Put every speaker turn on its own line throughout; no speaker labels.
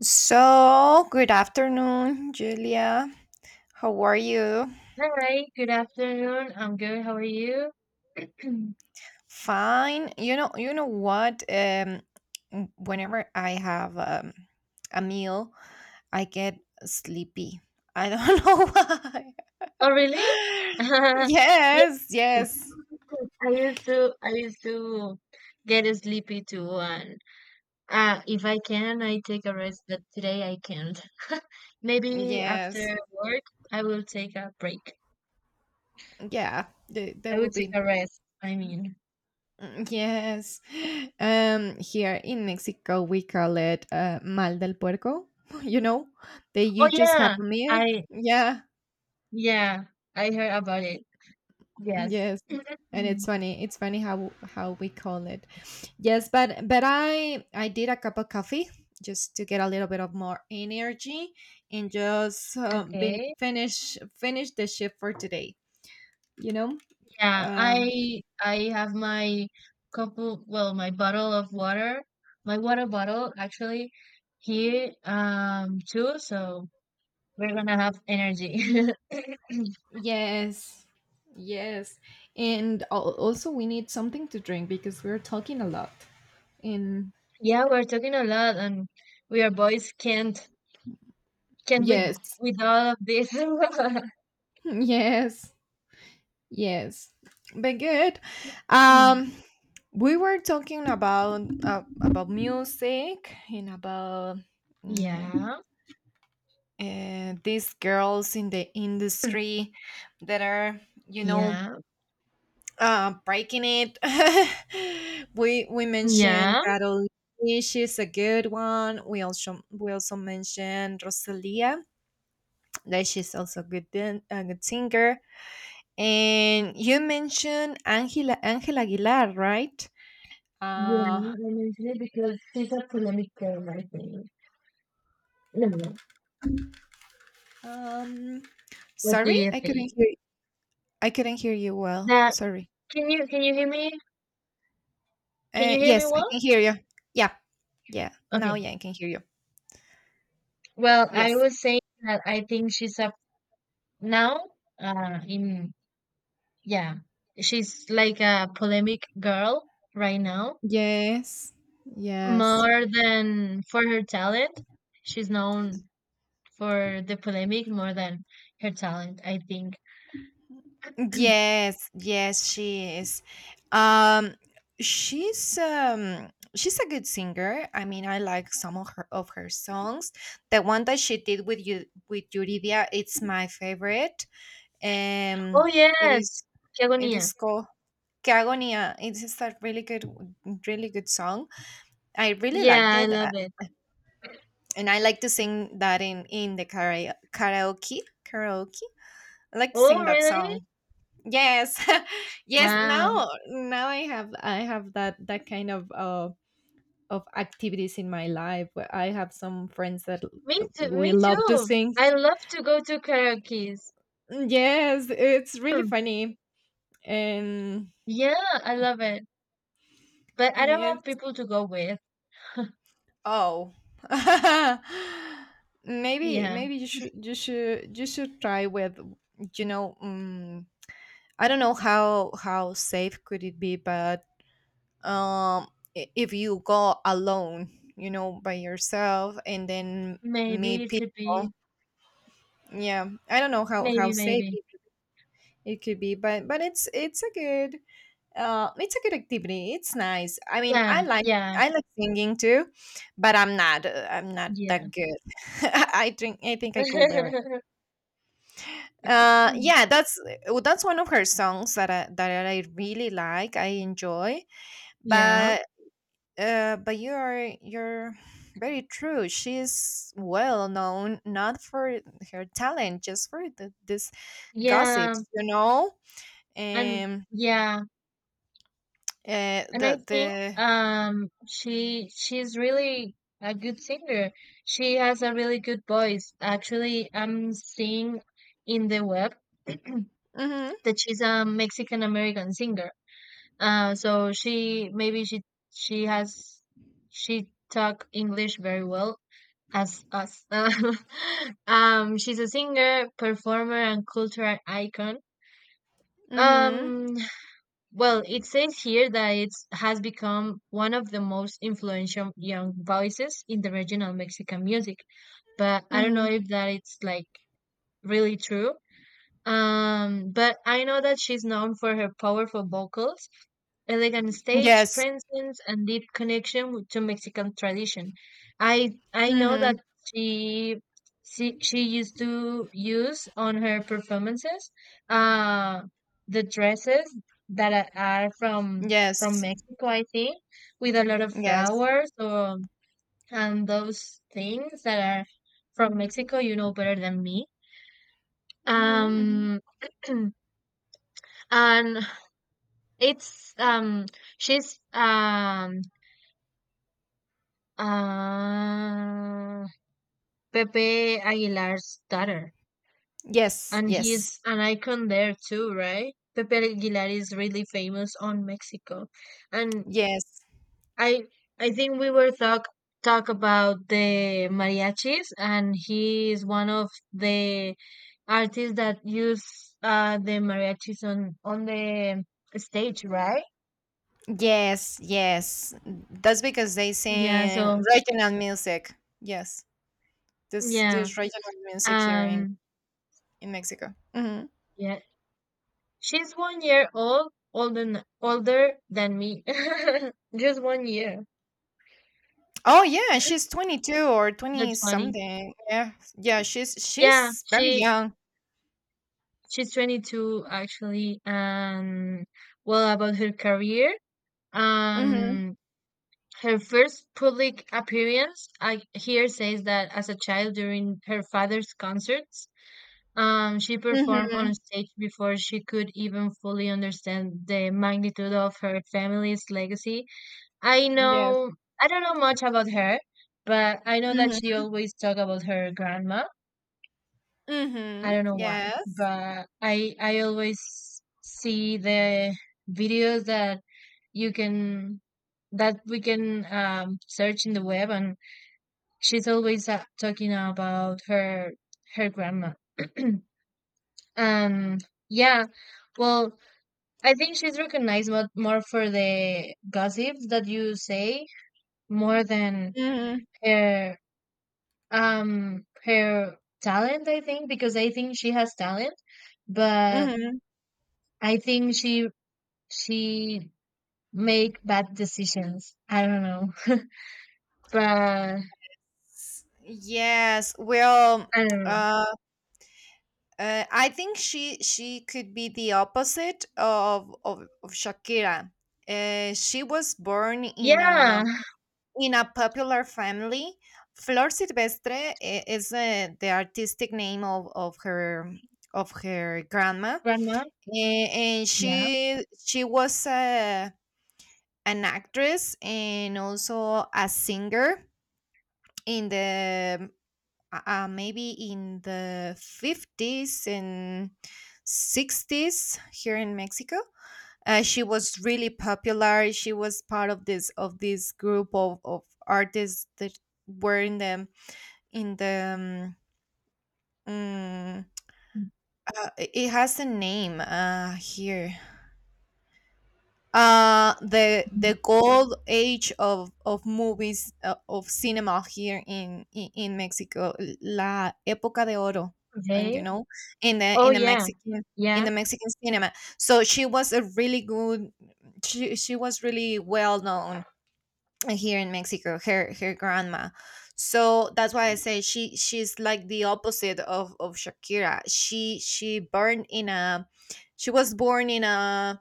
So, good afternoon, Julia. How are you?
Hi, good afternoon. I'm good. How are you?
Fine. You know what? Whenever I have a meal, I get sleepy. I don't know why.
Oh, really? Yeah.
Yes, yes,
I used to get sleepy too, and if I can, I take a rest, but today I can't. Maybe
yes.
after work, I will take a break.
Yeah, th-
I
that will
will take
be.
a rest, I mean.
Mm, yes. Here in Mexico, we call it mal del puerco. You know, that
Oh
you just have
yeah,
a meal.
I
Yeah.
yeah, I heard about it. Yes.
Yes. And it's funny. It's funny how we call it. Yes, but I did a cup of coffee just to get a little bit of more energy and just been
Okay.
finish the shift for today. You know.
Yeah,
Um,
I have my my bottle of water, my water bottle actually here too, so we're gonna have energy.
yes. Yes. And also we need something to drink because we're talking a lot. And
Yeah, we're talking a lot and we are boys can't with
yes,
all of this.
yes. Yes, but good.
Mm.
Um, we were talking about music and about mm,
Yeah,
these girls in the industry that are, you know,
yeah,
breaking it. We mentioned
yeah.
Carol. She's a good one. We also mentioned Rosalia. That she's also a good singer. And you mentioned Angela Aguilar, right?
Yeah,
Uh,
I mentioned it because she's a polemic girl, I think. No,
um,
what do
Sorry,
you
I
think?
couldn't hear. I couldn't hear you well.
That
Sorry.
Can you hear me? Can you hear me
Yes, I
well?
can hear you. Yeah, yeah. Now,
Okay.
yeah, I can hear you.
Well, I
Yes.
was saying that I think now uh in yeah, she's like a polemic girl right now,
Yes. Yes.
more than for her talent. She's known for the polemic more than her talent, I think.
Yes, yes, she is. Um, she's a good singer. I mean, I like some of her songs. The one that she did with Yuridia, it's my favorite. Um,
Oh
it is
yes, qué
it
agonía.
is called Que Agonía. It is a really good, really good song. I really
Yeah,
liked
I
it,
love it.
and I like to sing that in the karaoke. Karaoke. I like to
Oh
sing that
really?
song. Yes. yes,
Wow.
now I have that kind of activities in my life where I have some friends that
Me
l-
too.
we
Me
love to
too.
sing.
I love to go to karaoke's.
Yes, it's really funny and
Yeah, I love it. But I
and
don't have
it's
people to go with.
oh. maybe
Yeah.
maybe you should try with you know um, I don't know how safe could it be but um i- if you go alone by yourself and then
Maybe
meet
it could
people.
be.
Yeah, I don't know how
Maybe,
safe
maybe.
it could be but it's a good activity. It's nice. I mean, i
Plan.
like
Yeah.
i like singing too, but I'm not I'm not
Yeah.
that good. I think I could learn. Yeah, that's one of her songs that I really like, I enjoy.
Yeah.
But you're very true. She's well known not for her talent, just for this
Yeah.
gossips.
And
Um,
yeah. And I think
the
she's really a good singer. She has a really good voice. Actually, I'm seeing in the web
Mm-hmm,
that she's a Mexican American singer. So she maybe she has she talk English very well as us. She's a singer, performer, and cultural icon.
mm-hmm,
Um, well, it says here that it has become one of the most influential young voices in the regional Mexican music, but I don't know
mm-hmm.
if that it's like really true. But I know that she's known for her powerful vocals, elegant stage
Yes,
presence, and deep connection to Mexican tradition. I know that
mm-hmm,
she she used to use on her performances uh the dresses that are from
yes,
Mexico, I think, with a lot of
yes,
flowers or and those things that are from Mexico, you know better than me.
mm-hmm, mm-hmm.
Um and it's she's uh Pepe Aguilar's daughter,
Yes,
and
yes,
he's an icon there too, right? Pepe Aguilar is really famous on Mexico, and
yes,
I I think we were talk about the mariachis, and he is one of the artists that use the mariachis on the stage, right?
yes, yes. That's because they
Yeah,
sing
so,
regional music. Yes, this
yeah,
this regional music here in
um
in Mexico. Mhm.
yeah, she's one year older than me. Just one year.
Oh yeah, she's 22 or 20
That's funny.
something. Yeah. Yeah, she's
Yeah,
she's very
she
young.
she's 22 actually, and well about her career.
Mhm.
Um, Her first public appearance, I hear says that as a child during her father's concerts. She performed on
Mhm.
stage before she could even fully understand the magnitude of her family's legacy. I
Yes.
know I don't know much about her, but I know that she
Mhm.
always talk about her grandma. I
Mhm.
don't know why,
Yes.
but I always see the videos that you can that we can search in the web, and she's always talking about her grandma. um, yeah, well, I think she's recognized more for the gossip that you say, more than
Mhm.
her her talent, I think, because I think she has talent, but
Mhm.
I think she make bad decisions, I don't know. But I
Yes. Well,
don't know.
uh, I think she could be the opposite of Shakira. She was born in
Yeah.
a popular family. Flor Silvestre is the artistic name of her grandma.
Grandma.
And
Yeah.
she was an actress and also a singer in the maybe in the fifties and 60s here in Mexico. She was really popular. She was part of this group of artists that were in the in the um, mm, it has a name here, uh the
Mhm.
the gold age of movies, of cinema here in Mexico. La época de oro. And
Okay.
in the
Oh yeah. Yeah,
mexican cinema. So she was a really good. She was really well known here in Mexico, her grandma. So that's why I say she's like the opposite of Shakira. She was born in a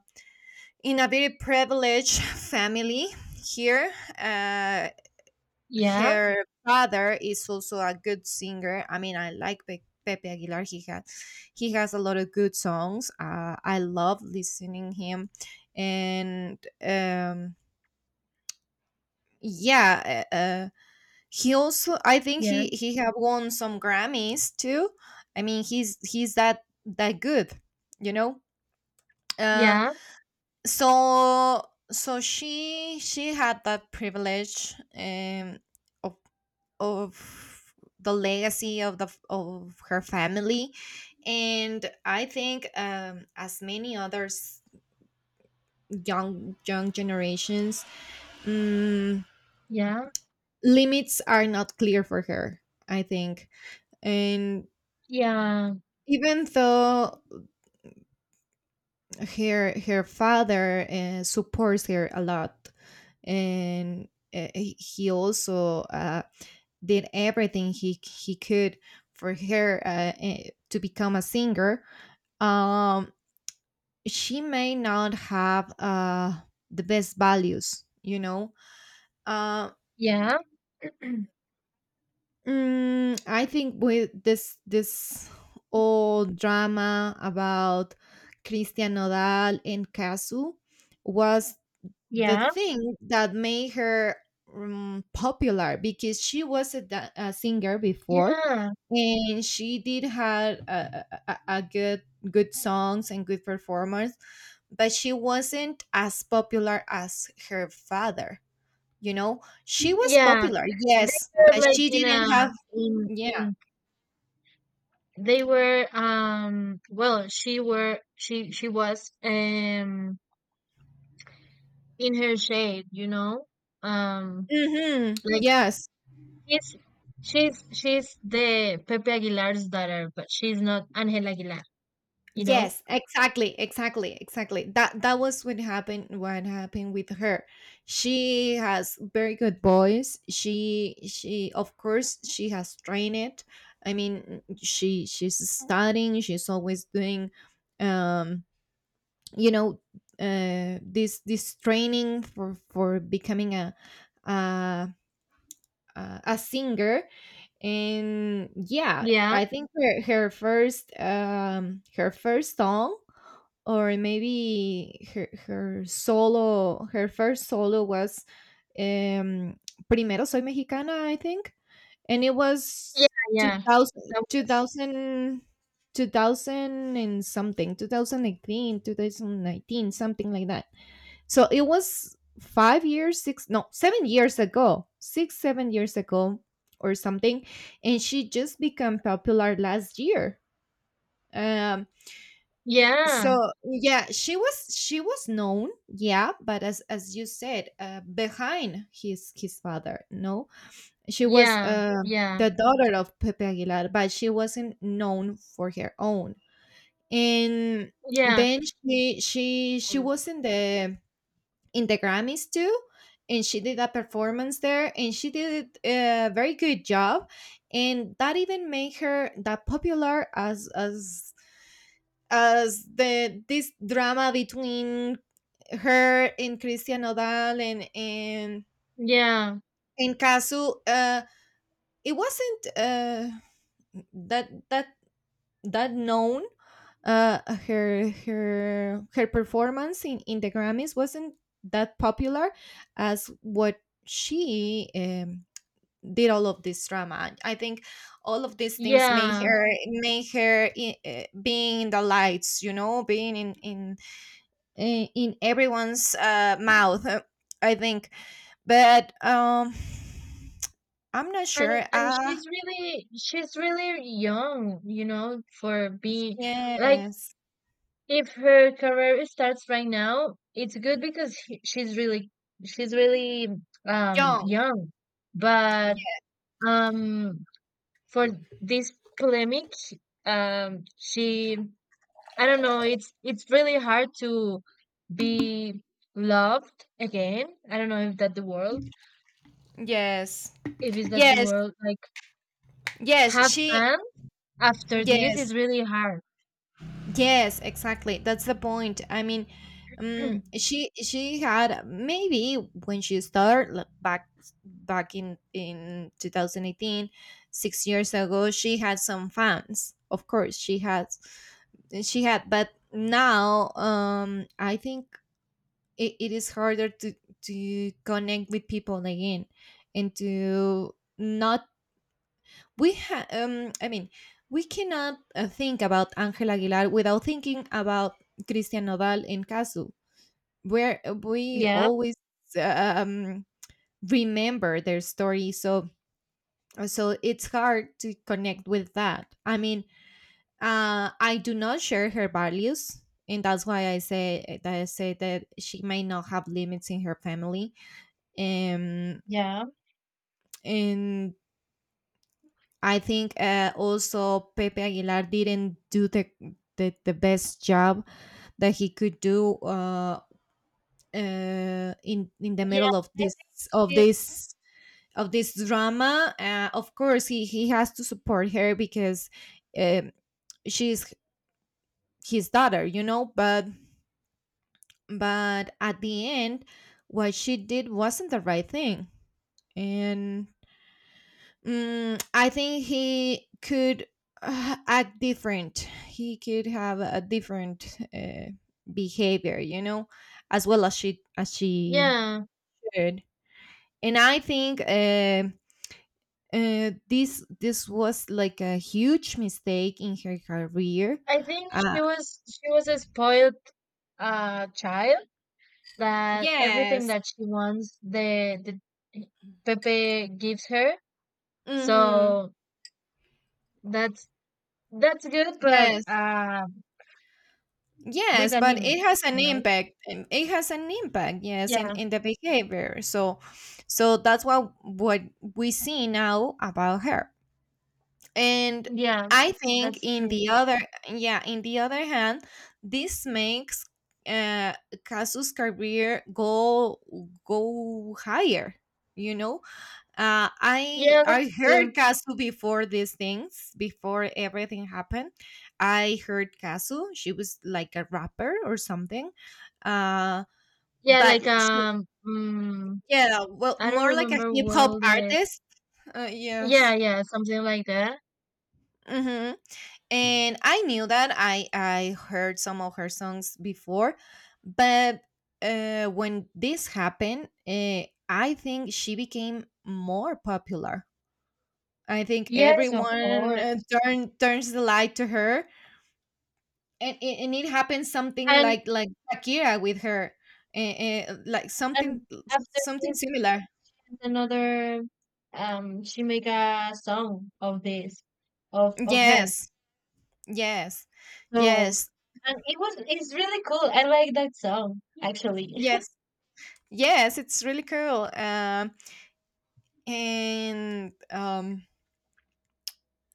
in a very privileged family here. Uh,
yeah,
Her father is also a good singer. I mean, I like Pepe Aguilar. He has a lot of good songs. I love listening him, and yeah. He also I think he have won some Grammys too. I mean, he's that good. you know uh
yeah,
so so she had that privilege, of of the legacy of her family. And I think, as many others, young generations, um,
yeah,
limits are not clear for her, I think. And
yeah,
even though her father, supports her a lot, and he also did everything he could for her, to become a singer, um she may not have the best values. uh
yeah, yeah,
I think with this old drama about Cristian Nodal and Casu was the
Yeah,
thing that made her popular because she was a singer before.
yeah,
And she did had a good songs and good performance, but she wasn't as popular as her father. She was
yeah.
popular,
They
yes,
were
but
like
she
in a
didn't have.
in
Yeah.
in... They were well, she were she was in her shade, you know? Um
Hmm.
like,
Yes.
she's she's the Pepe Aguilar's daughter, but she's not Angela Aguilar, you know?
Yes, exactly, exactly, exactly. That was what happened with her. She has very good voice. She, of course, she has trained it. I mean she's studying. She's always doing um you know this training for becoming uh a singer. And yeah,
Yeah.
I think her first song, or maybe her first solo was um primero soy mexicana, I think. And it
Yeah,
was two
yeah.
thousand,
That
two
was
thousand, 2,000 and something. 2018, 2019, something like that. So it was 5 years, 6, no, 7 years ago, 6, 7 years ago or something. And she just became popular last year. Um,
Yeah,
so yeah, she was known, yeah, but as you said, behind his father, no, she was
yeah, yeah,
the daughter of Pepe Aguilar, but she wasn't known for her own. And
yeah.
then she was in the Grammys too, and she did a performance there, and she did a very good job, and that even made her that popular as the this drama between her and Christian Nodal and and
Yeah,
and Kazu. It wasn't that that that known. uh her performance in the Grammys wasn't that popular as what she did. All of this drama, I think, all of these things
yeah.
being in the lights, being in everyone's mouth, I think. But I'm not
And
sure.
she's really young, you know, for being like...
Yes,
If her career starts right now, it's good because she's really
young.
young. But
Yes,
um for this polemic, she... I don't know, it's really hard to be loved again. I don't know if that the world,
yes.
if is that the
Yes.
world like
Yes,
have
she.
fun after this,
Yes,
is really hard.
yes, exactly. That's the point. I mean, she had maybe when she started, like, back in 2018, 6 years ago. She had some fans. Of course, she had. But now, I think it is harder to connect with people again and to not. I mean, we cannot think about Angel Aguilar without thinking about Christian Nodal and Casu, where we
Yeah,
always um remember their story. So it's hard to connect with that. I mean, I do not share her values. And that's why I say that she may not have limits in her family, um
yeah,
and I think, also Pepe Aguilar didn't do the best job that he could do, in the
yeah.
middle of this of
She's
this of this drama. Of course, he has to support her because, um, she's his daughter. But at the end, what she did wasn't the right thing, and I think he could, act different. He could have a different behavior, as well as she
yeah.
did. And I think, this was like a huge mistake in her career.
I think
Uh,
she was a spoiled child that everything
yes.
that she wants, the Pepe gives her.
Hmm.
So that's that's good, but
Yes.
with
Yes,
a
but it
limit,
has an
you know?
impact. It has an impact, yes, in,
Yeah,
in the behavior. So, that's what we see now about her. And
yeah,
I think
that's true.
yeah, in the other hand, this makes uh Kazu's career go higher. You know, I
Yeah,
I
that's true.
heard Kasu before these things, before everything happened. I heard Kasu. She was like a rapper or something, uh,
Yeah,
but
like
yeah, well,
I don't
more like a
remember
hip hop
well the...
artist.
Yeah,
Yes.
yeah, something like that.
Hmm. And I knew that I heard some of her songs before, but when this happened, I think she became more popular. I think
Yes, of
everyone
course.
turns the light to her, and it happens something
And
like Shakira with her, like something
after
something
this.
similar.
And another, she make a song of this, of her.
Yes, yes,
So
yes,
and it's really cool. I like that song actually.
yes, yes. It's really cool. And um,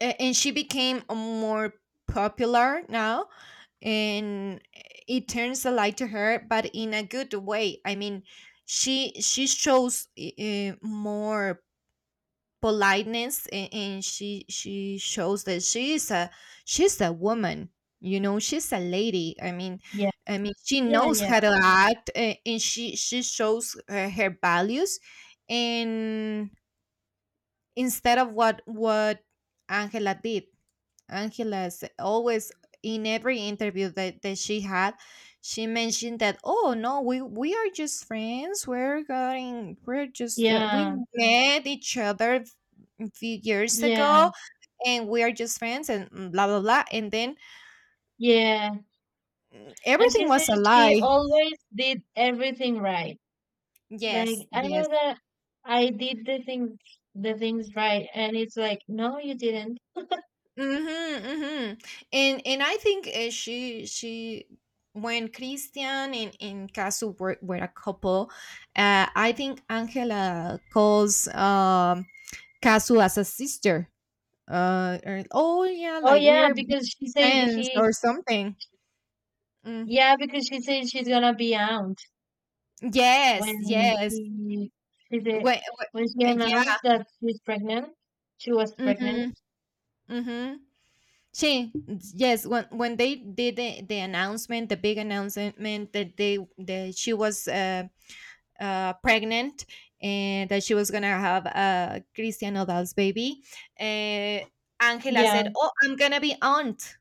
and she became more popular now, and it turns the light to her, but in a good way. I mean, she shows more politeness, and she shows that she's a woman. You know, she's a lady. i mean
Yeah.
i mean she
Yeah,
knows
yeah.
how to act, and she shows her values, and instead of what Angela did. Angela's always in every interview that she had, she mentioned that, "Oh no, we are just friends. We're going. We're just we
Yeah.
met each other a few years
Yeah.
ago, and we are just friends, and blah blah blah." And then
Yeah. And she
everything
said
was a
she
lie.
always did everything right.
Yes,
Like I
yes.
know that I did the things right, and it's like, no you didn't.
Mhm, mhm. And I think she when Christian and Casu were a couple, I think Angela calls Casu as a sister. Or, oh yeah,
Oh
like we
yeah,
are best friends or something. Mm.
because she said she's gonna be out.
Yes,
When
yes.
she did,
When,
when she
yeah.
announced that she's pregnant, she was
Mhm,
pregnant.
mhm. She yes, when they did the announcement, the big announcement that they that she was pregnant, and that she was gonna have a Christian Odal's baby. Uh, Angela
Yeah.
said, "Oh, I'm gonna be aunt."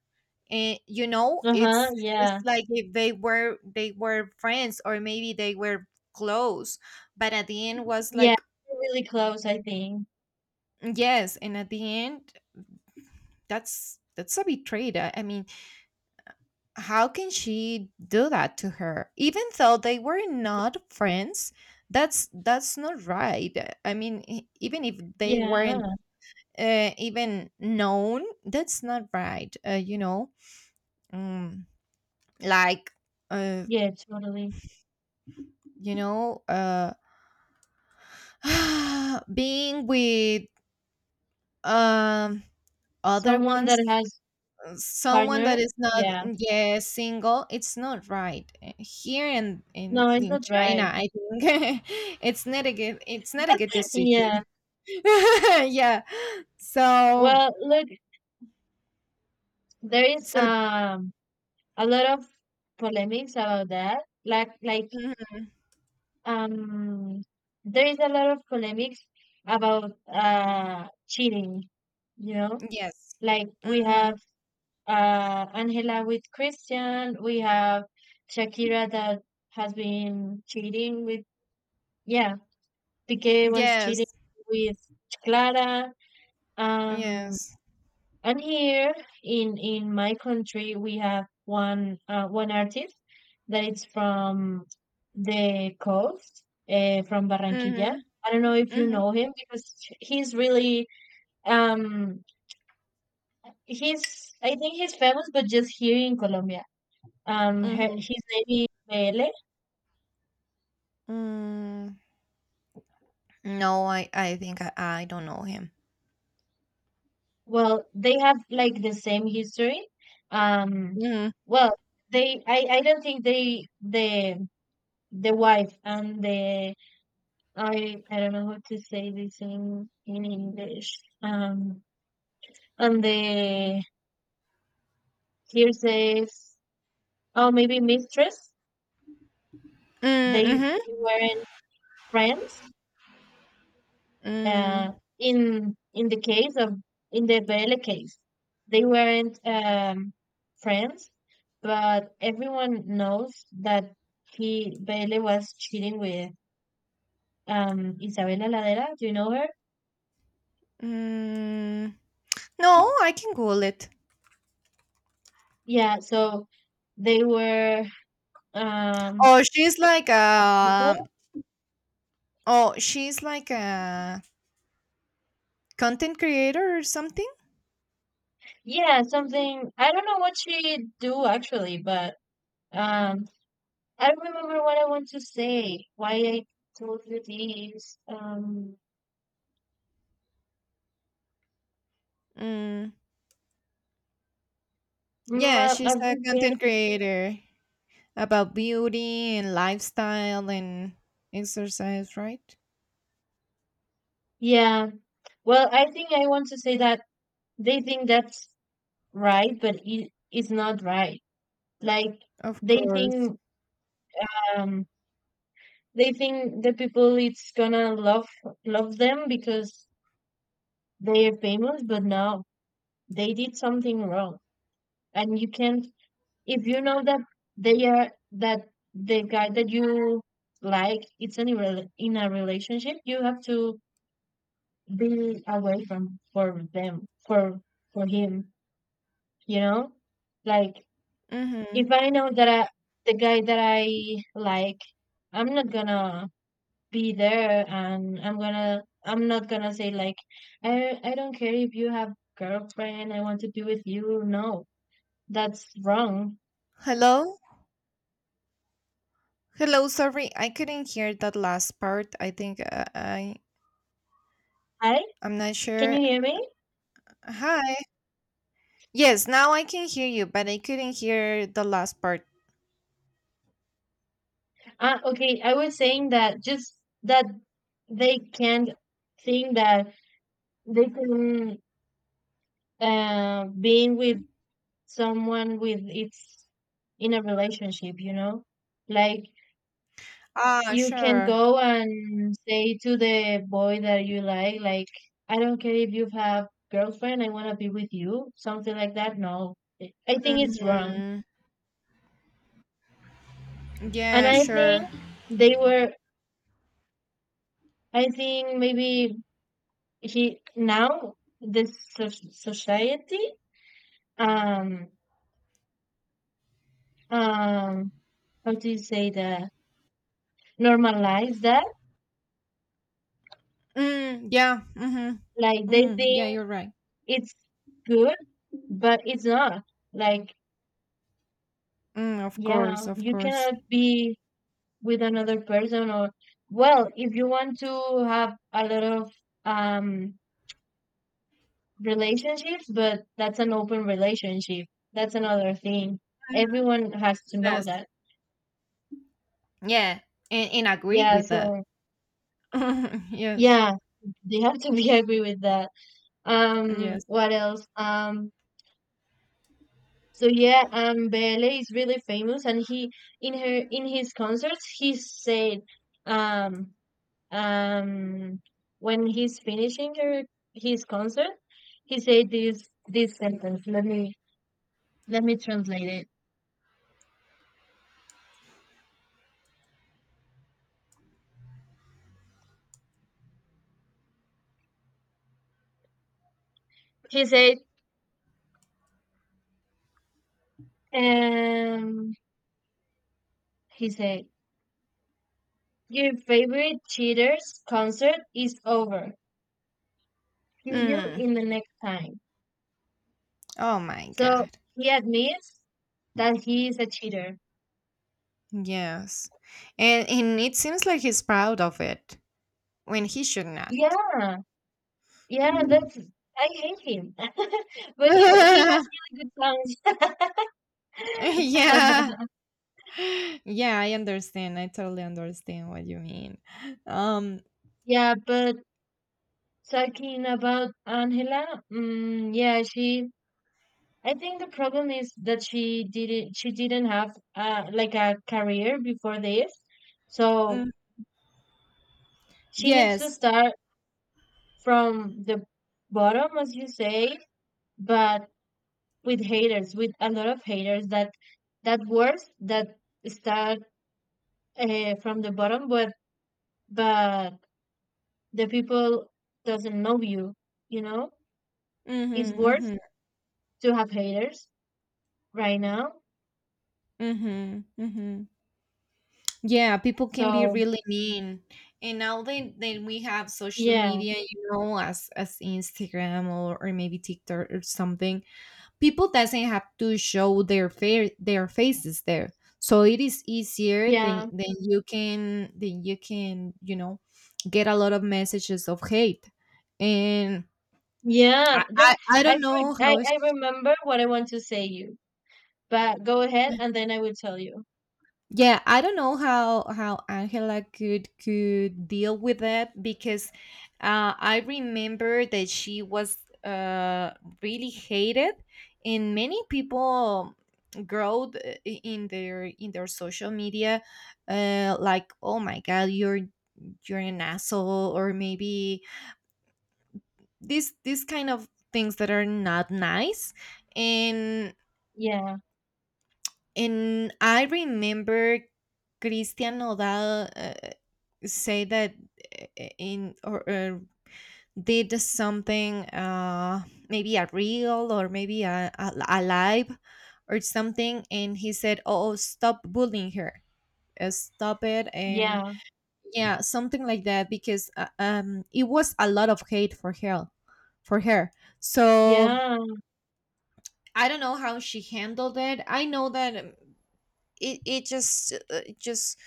And you know,
Uh-huh.
it's
Yeah.
like if they were friends, or maybe they were close, but at the end was
Yeah.
like,
Really close, I think.
yes, and at the end, that's a betrayal. I mean, how can she do that to her? Even though they were not friends, that's not right. I mean, e- even if they were,
Yeah.
even known, that's not right. Uh, you know, mm, like, uh,
Yeah, totally.
you know, being with um other
Someone
ones,
that has
someone that
partner.
is not,
Yeah.
yeah, single. It's not right. Here in in,
No, it's
in
not
China,
right.
I think it's not a good, it's not a good
Yeah.
decision. Yeah. so
Well, look, there is
so
a lot of polemics about that. Like,
mhm,
um there is a lot of polemics about cheating, you know?
yes.
Like we
Hmm.
have Angela with Christian, we have Shakira that has been cheating with, yeah, Piqué was cheating
Yes,
with Clara. Um,
yes.
and here in my country, we have one artist that is from the coast, from Barranquilla.
Mhm,
I don't know if you
mhm,
know him because he's really um he's I think he's famous, but just here in Colombia. um her,
mhm.
his name is Bele.
Mm, no, I think I don't know him.
Well, they have like the same history. Um,
Mhm.
well, they I don't think they... the wife and the... I don't know how to say this in English. And the here says, oh maybe mistress.
Mm,
They
mhm.
they weren't friends. uh,
Mm,
in the case of, in the Vele case, they weren't friends, but everyone knows that he Vele was cheating with Isabela Ladera. Do you know her?
mm. No, I can Google it.
Yeah. So they were um,
Oh, she's like
a couple.
a, oh, she's like a content creator or something?
Yeah, something. I don't know what she do actually, but um, I remember what I want to say. Why I told you this.
Mm. Yeah,
Ma- I
she's a content creator about beauty and lifestyle and exercise, right?
Yeah. Well, I think I want to say that they think that's right, but it's not right. Like
Of
they
course.
think um they think the people it's gonna love them because they are famous, but no, they did something wrong. And you can't... if you know that the guy that you like it's in a in a relationship, you have to be away from for them for him, you know like
Mhm.
if I know that the guy that I like, I'm not gonna be there, and I'm not gonna say like, I don't care if you have girlfriend, I want to be with you. No, that's wrong.
Hello? Hello, sorry, I couldn't hear that last part. I think I,
Hi,
I'm not
can
sure.
you hear me?
Hi. Yes, now I can hear you, but I couldn't hear the last part.
Ah, okay, I was saying that just that they can't think that they can being with someone with it's in a relationship, you know? Like,
Ah,
you can
sure.
go and say to the boy that you like, I don't care if you have girlfriend, I wanna be with you, something like that. No. I think it's wrong.
Hmm.
And
Yeah,
I think
sure.
they were I think maybe he now the society, um um how do you say that, normalize that.
Mm, yeah.
Like
Mm-hmm.
they
Mm-hmm. Yeah,
think
you're right.
it's good, but it's not like...
Mm, of
Yeah,
course, of
you
course.
cannot be with another person, or well if you want to have a lot of um relationships, but that's an open relationship, that's another thing. Everyone has to know
Yes.
that.
Yeah, and agree
Yeah,
with that.
so
Yes.
yeah, they have to be agree with that.
Yes.
What else? So yeah, Bele is really famous and he, in his concerts, he said... um Um, when he's finishing his concert, he said this sentence. Let me translate it. He said, um, he said, your favorite cheaters concert is over. See you
Mm.
in the next time.
Oh my
So
God.
he admits that he is a cheater.
Yes. And it seems like he's proud of it, when he should not.
Yeah, yeah, that's I hate him, but he has really good songs.
Yeah. Yeah, I understand. I totally understand what you mean. Um,
Yeah, but talking about Angela, mm, yeah, she... I think the problem is that she didn't. She didn't have like a career before this,
mm,
so she needs to
yes.
start from the bottom, as you say, but with haters, with a lot of haters. That that works, that start from the bottom, but but the people doesn't know you. You know, it's
Mhm.
worse
Mhm.
to have haters right now.
Mhm. Mhm. Yeah, people can be
So
really mean. And now that we have social
yeah,
media, you know, as Instagram, or maybe TikTok or something, people doesn't have to show their fa- their faces there, so it is easier
yeah,
than you can, than you can, you know, get a lot of messages of hate, and
yeah. That
I
I
don't
for
know
I,
how
I
it's.
remember what I want to say you, but go ahead and then I will tell you.
Yeah, I don't know how Angela could deal with that, because I remember that she was uh, really hated, and many people growed I- in their social media, like, "Oh my God, you're an asshole," or maybe this kind of things that are not nice. and
Yeah,
And I remember Christian Nodal say that in or did something, maybe a reel or maybe a live or something, and he said, "Oh, stop bullying her, stop it," and
yeah,
yeah, something like that, because it was a lot of hate for her, for her. So
yeah,
I don't know how she handled it. I know that it, it just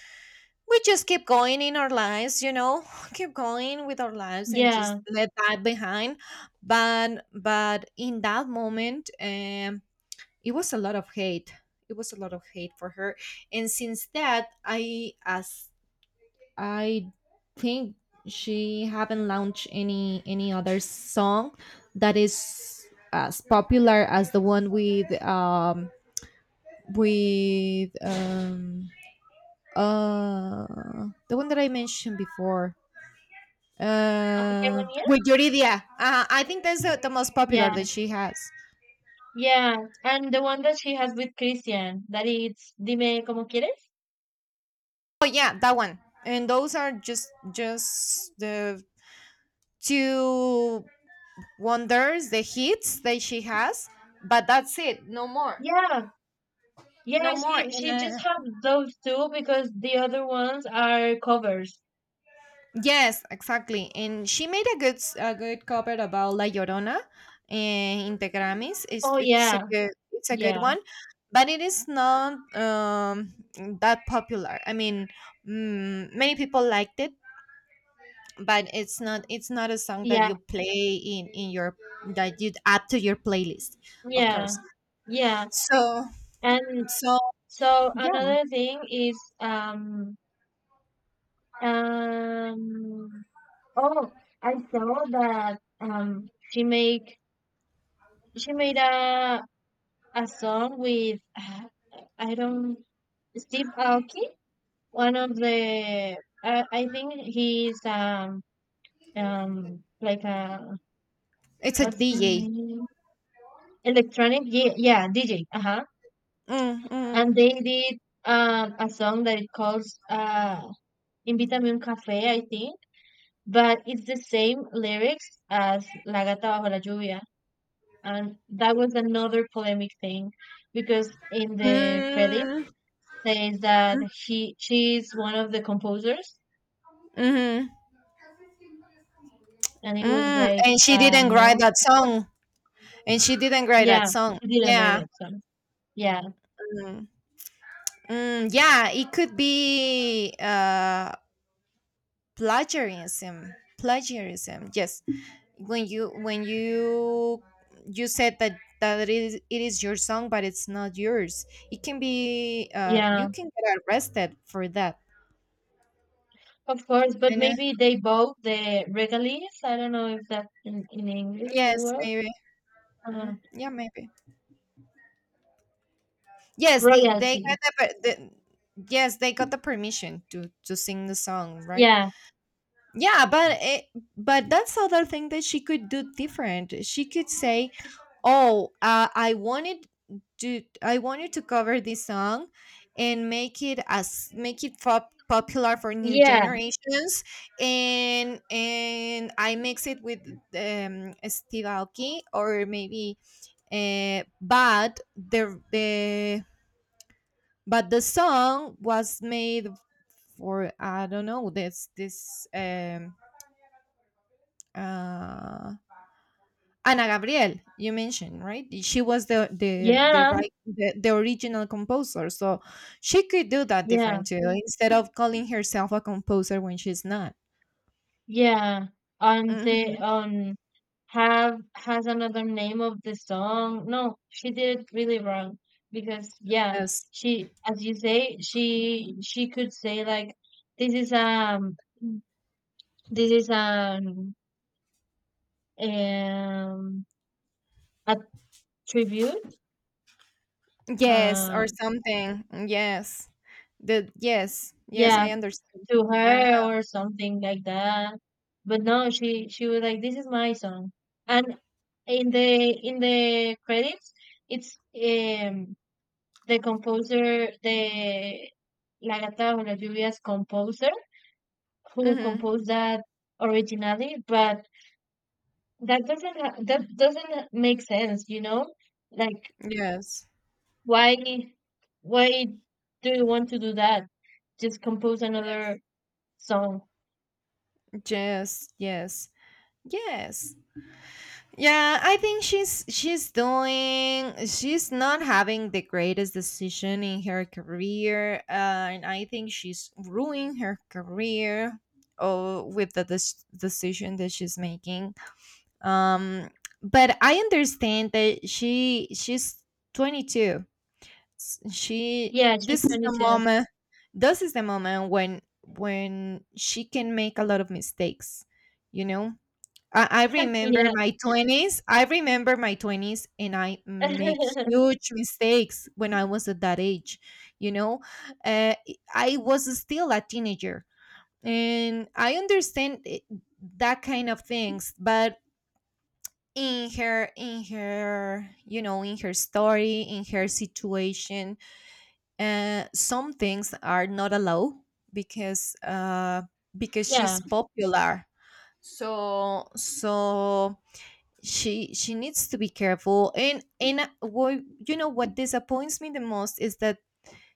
we just keep going in our lives, you know, keep going with our lives and just
yeah.
let that behind. But in that moment, it was a lot of hate, it was a lot of hate for her. And since that, I think she haven't launched any other song that is as popular as the one with with um uh, the one that I mentioned before.
Hegemonía?
With Yuridia. I think that's the most popular
Yeah,
that she has.
yeah. And the one that she has with Christian, that it's Dime como quieres?
Oh yeah, that one. And those are just the two wonders, the hits that she has. But that's it. No more.
Yeah, yeah.
No more.
She
And
she
uh,
just has those two because the other ones are covers.
yes, exactly. And she made a good s- a good cover about La Llorona, in the Grammys.
Oh
It's a
yeah,
good, it's a good
yeah,
one, but it is not that popular. I mean, mm, many people liked it, but it's not, it's not a song that
yeah,
you play in your, that you'd add to your playlist, of
yeah,
course.
yeah.
So
And
so
So
yeah,
another thing is um oh I saw that she made a song with I don't Steve Aoki, one of the I think he's like a
it's a
what's the
DJ.
name electronic, yeah, yeah, DJ, uh-huh,
Mm,
and
mm,
they did a song that it calls Invítame un café, I think, but it's the same lyrics as La Gata Bajo la Lluvia. And that was another polemic thing because in the credit
mm,
says that he she is one of the composers,
mm,
and it was
mm.
like
And she didn't write
no,
that song. And she didn't write that
yeah,
song,
she didn't write
yeah.
that song, yeah,
Mm. Mm, yeah, it could be plagiarism, plagiarism, yes. When you when you said that it is your song, but it's not yours, it can be,
yeah,
you can get arrested for that.
of course. But
I know.
maybe they bought the regalies, I don't know if that's in English the
Yes,
word
maybe.
uh,
Mm, yeah, maybe. Yes, they
royalty,
got the per- the, yes, they got the permission to sing the song, right?
yeah,
Yeah, but it, but that's other thing that she could do different. She could say, "Oh, I wanted to, I wanted to cover this song and make it as make it pop, popular for new
yeah,
generations and I mix it with Steve Aoki or maybe but the, but the song was made for, I don't know, this uh, Ana Gabriel, you mentioned, right? She was the the
yeah,
right, the original composer. So she could do that
yeah.
different too, instead of calling herself a composer when she's not.
Yeah, they
Hmm.
have has another name of the song. No, she did it really wrong because, yeah,
Yes,
she, as you say, she could say like, this is um this is um a tribute,
yes,
uh
or something. Yes, the yes, yes,
yeah,
I understand.
to
Uh,
her or something like that. But no, she was like, this is my song. And in the credits it's the composer, the La Gata Bajo las Lluvias composer who
hmm.
composed that originally. But that doesn't make sense, you know? Like,
Yes,
why why do you want to do that? Just compose another
yes,
song.
yes, yes, yes. Yeah, I think she's doing, she's not having the greatest decision in her career, and I think she's ruining her career, oh, with the des- decision that she's making. Um, but I understand that she's 22. S- She,
Yeah, she's
this is the
22.
moment, this is the moment when she can make a lot of mistakes, you know? I remember
Yeah.
my 20s. I remember my 20s, and I make huge mistakes when I was at that age. You know, uh, I was still a teenager, and I understand it- that kind of things. But in her, in her, you know, in her story, in her situation, some things are not allowed because uh because
Yeah,
she's popular. So she needs to be careful. And what, you know what disappoints me the most is that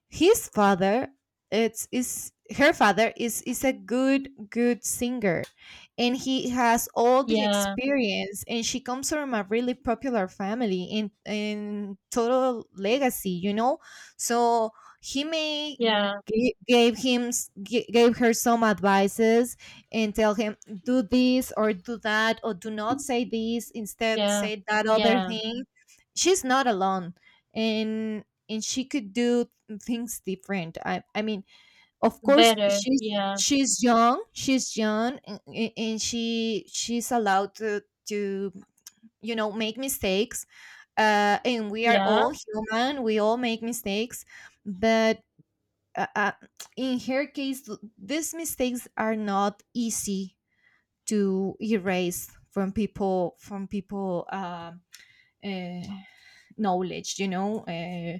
his father, it's is her father is a good, good singer, and he has all the
yeah,
experience. And she comes from a really popular family in total legacy, you know. So he may
yeah,
g- gave him s- g- gave her some advices and tell him, "Do this or do that, or do not say this, instead
yeah,
say that other
yeah.
thing." She's not alone, and she could do things different. I mean, of course,
Better. Yeah,
she's young, and she she's allowed to to you know, make mistakes. And we are
yeah,
all human. We all make mistakes, but uh, uh, in her case, these mistakes are not easy to erase from people, from people. Um, uh, knowledge, you know,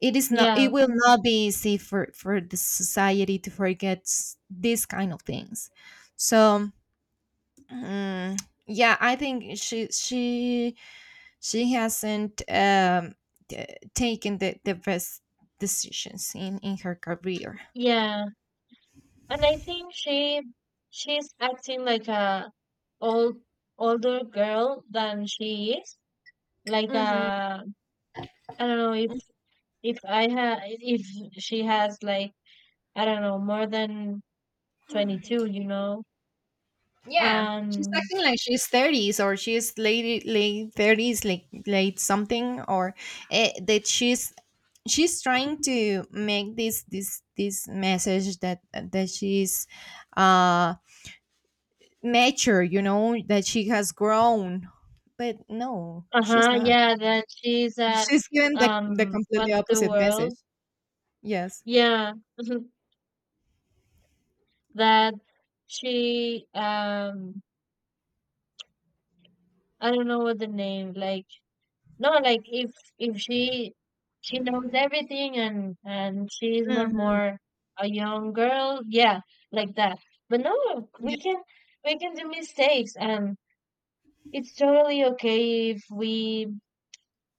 it is not, it
yeah,
will not be easy for the society to forget s- these kind of things. so mm, yeah, I think she hasn't t- taken the best decisions in her career.
yeah. And I think she's acting like a old older girl than she is. Like,
Hmm.
I don't know if she has like, I don't know, more than 22, you know.
Yeah, she's
Um
acting like she's thirties, or she's late late 30s, like late something, or that she's trying to make this message that she's uh mature, you know, that she has grown, but no, she's
uh-huh,
not.
yeah, that she's
She's given the completely
what's the
opposite message.
world?
Yes.
Yeah. That she, I don't know what the name, like, no, like, if she knows everything and she's not
Mhm.
more a young girl, yeah, like that. But no, we can, we can do mistakes, and it's totally okay if we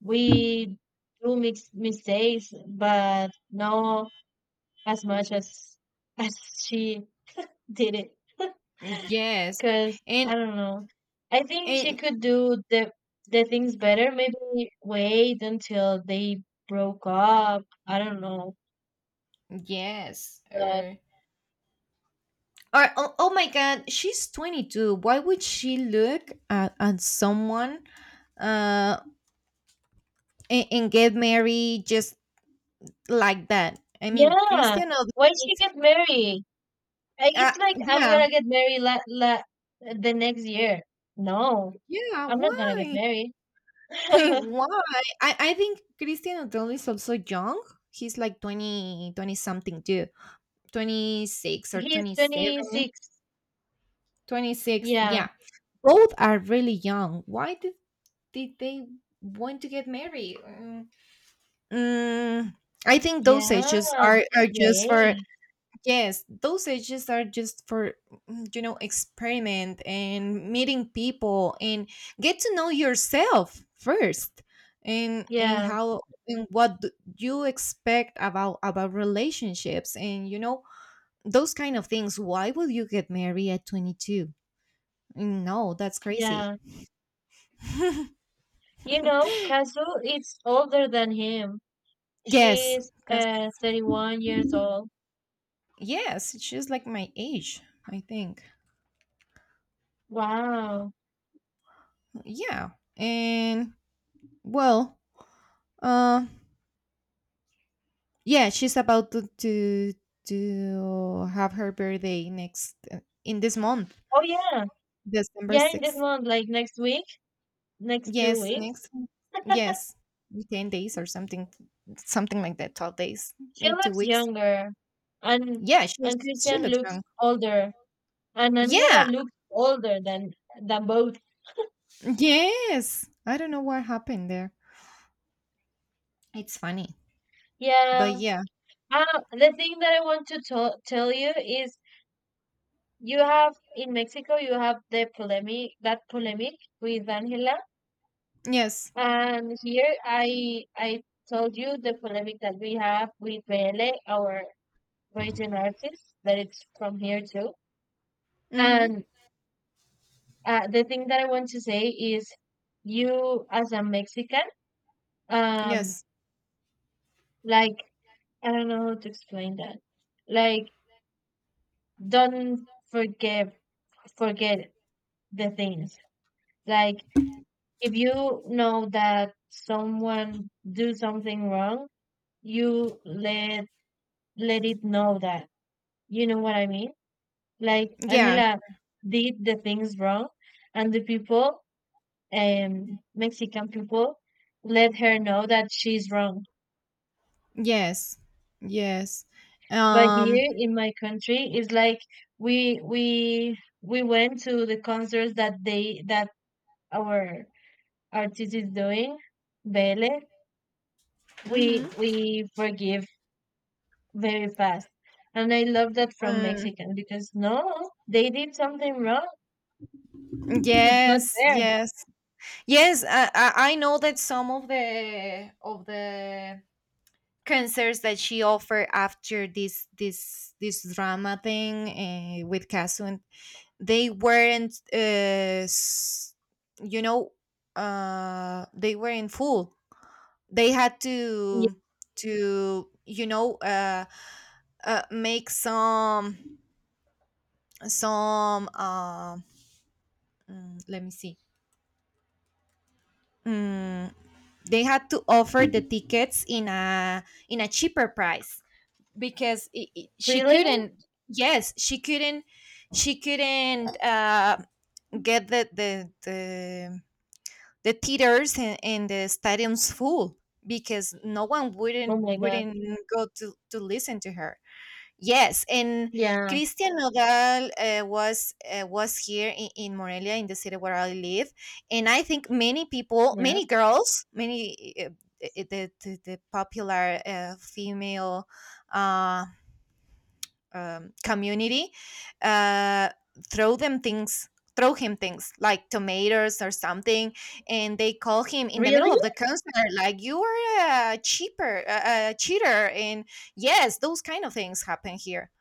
we do mix mistakes, but no, as much as as she did it.
Yes.
Because
And
I don't know. I think she
and
could do the things better. Maybe wait until they broke up. I don't know.
yes.
But
Or, oh, oh my God, she's 22. Why would she look at someone, uh, and get married just like that? I mean,
yeah,
Cristiano,
why she get married? I, it's like I'm
yeah,
gonna get married la, la the next year. No,
yeah,
I'm not gonna get
why?
married.
Why? I think Cristiano Odell is also young. He's like 20 20 something too. 26 or
He's
27.
26.
26,
Yeah,
yeah. Both are really young. Why did they want to get married? Mm, I think
yeah.
those ages are
Just
just for,
wait.
yes, those ages are just for, experiment and meeting people and get to know yourself first, and
Yeah,
how, and you expect about relationships, and those kind of things. Why will you get married at 22? No, that's crazy.
yeah. You know, Kazu is older than him.
Yes,
She's
'cause-
31 years old.
yes, she's like my age, I think.
Wow.
Yeah. And, well, uh, yeah, she's about to have her birthday next, in this month,
Oh yeah.
December
Yeah, in this
sixth.
month, like next week, next two
Yes,
weeks.
next. Yes, 10 days or something, something like that. 12 days,
She
maybe two
looks
weeks.
younger. And
Yeah, she
and Christian
looks
looks
young.
older. And Angela
Yeah,
looks older than both.
yes. I don't know what happened there. It's funny,
Yeah.
but yeah,
Uh, the thing that I want to tell you is, you have in Mexico, you have the polemic, that polemic with Angela.
yes,
And here I told you the polemic that we have with Bele, our Virgin artists, that it's from here too.
mm-hmm,
And the thing that I want to say is, you as a Mexican, um,
yes,
like, I don't know how to explain that. Like, don't forgive, forget the things. Like, if you know that someone do something wrong, you let it know that. You know what I mean? Like,
yeah,
Angela did the things wrong, and the people, Mexican people, let her know that she's wrong.
yes, yes.
But
Um.
here in my country, it's like we went to the concerts that they that our artist is doing, Bele. We
Mm-hmm.
we forgive very fast, and I love that from
Mm.
Mexican because no, they did something wrong. It's not
Yes,
fair.
yes, yes. I know that some of the concerts that she offered after this drama thing, with Casu, they weren't, s- you know, they were in full. They had
Yeah,
to to you know uh, make some. Let me see. Mm, they had to offer the tickets in a cheaper price because I she
really?
couldn't. Yes, she couldn't she couldn't uh, get the theaters and the stadiums full because no one
Oh my God.
wouldn't go to listen to her. Yes, and
Yeah,
Christian Nodal, was here in Morelia, in the city where I live, and I think many people,
yeah.
many girls, many, the, the popular, female, uh, community, uh, throw them things, throw him things like tomatoes or something, and they call him in the
Really?
middle of the concert, like, you are a cheaper, a cheater, and yes, those kind of things happen here.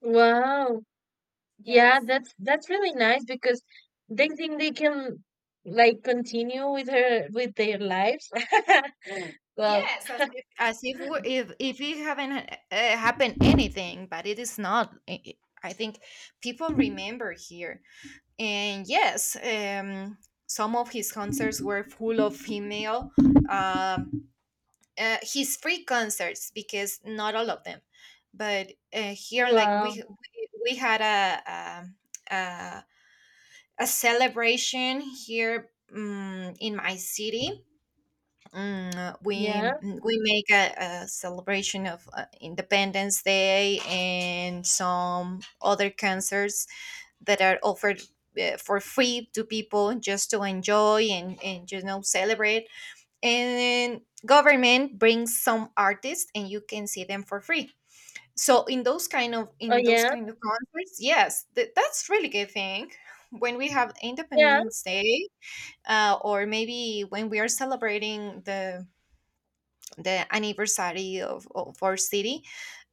Wow. Yeah,
Yes.
that's really nice because they think they can, like, continue with her, with their lives. Well,
Yes, as if it haven't, happened anything, but it is not. I think people remember here, and yes, some of his concerts were full of female. Um, his free concerts, because not all of them, but, here, like,
wow,
we had a, a, a celebration here, in my city. We,
yeah,
we make a celebration of, Independence Day, and some other concerts that are offered, for free to people just to enjoy and celebrate. And government brings some artists and you can see them for free. So in those kind of,
oh
concerts, yes, that's really good thing. When we have
yeah,
Independence Day, or maybe when we are celebrating the, anniversary of our city,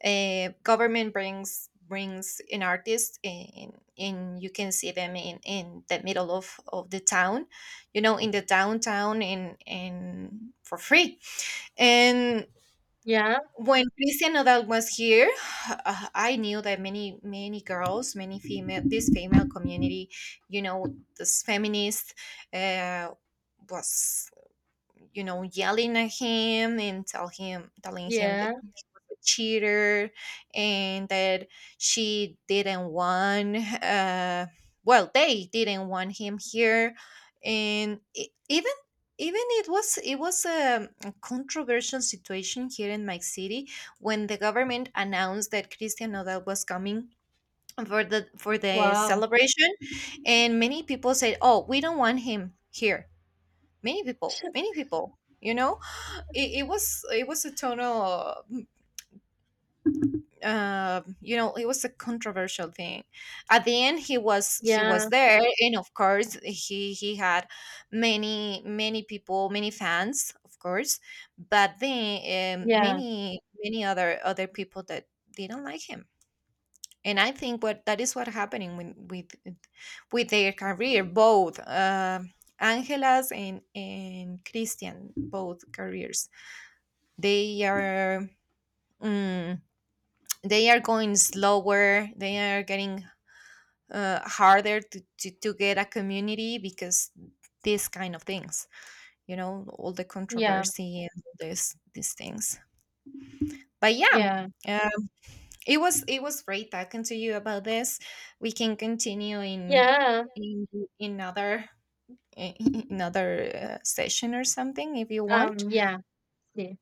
government brings an artist, and you can see them in the middle of the town, in the downtown, and for free, and
yeah,
when Cristian Nodal was here, I knew that many, many girls, many female, this female community, you know, this feminist, uh, was, yelling at him and tell him, telling him that
yeah,
cheater, and that she didn't want, well, they didn't want him here, and even it was, a controversial situation here in my city when the government announced that Christian Nodal was coming for the,
wow,
celebration, and many people said, oh, we don't want him here, many people, many people, it, it was a total, it was a controversial thing. At the end, he was,
yeah,
there, and of course he had many, many people, many fans, of course. But then,
yeah,
many, many other, people that didn't like him. And I think what that is what happening with, with their career, both, Angela's and Christian, both careers, they are, mm, they are going slower, they are getting, harder to get a community because these kind of things, you know, all the
yeah,
controversy and all this, these things. But yeah,
yeah,
um, it was, great talking to you about this. We can continue
yeah,
in, in other, in another, session or something if you want.
yeah. See,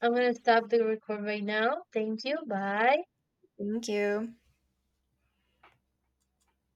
I'm gonna stop the record right now. Thank you. Bye.
Thank you.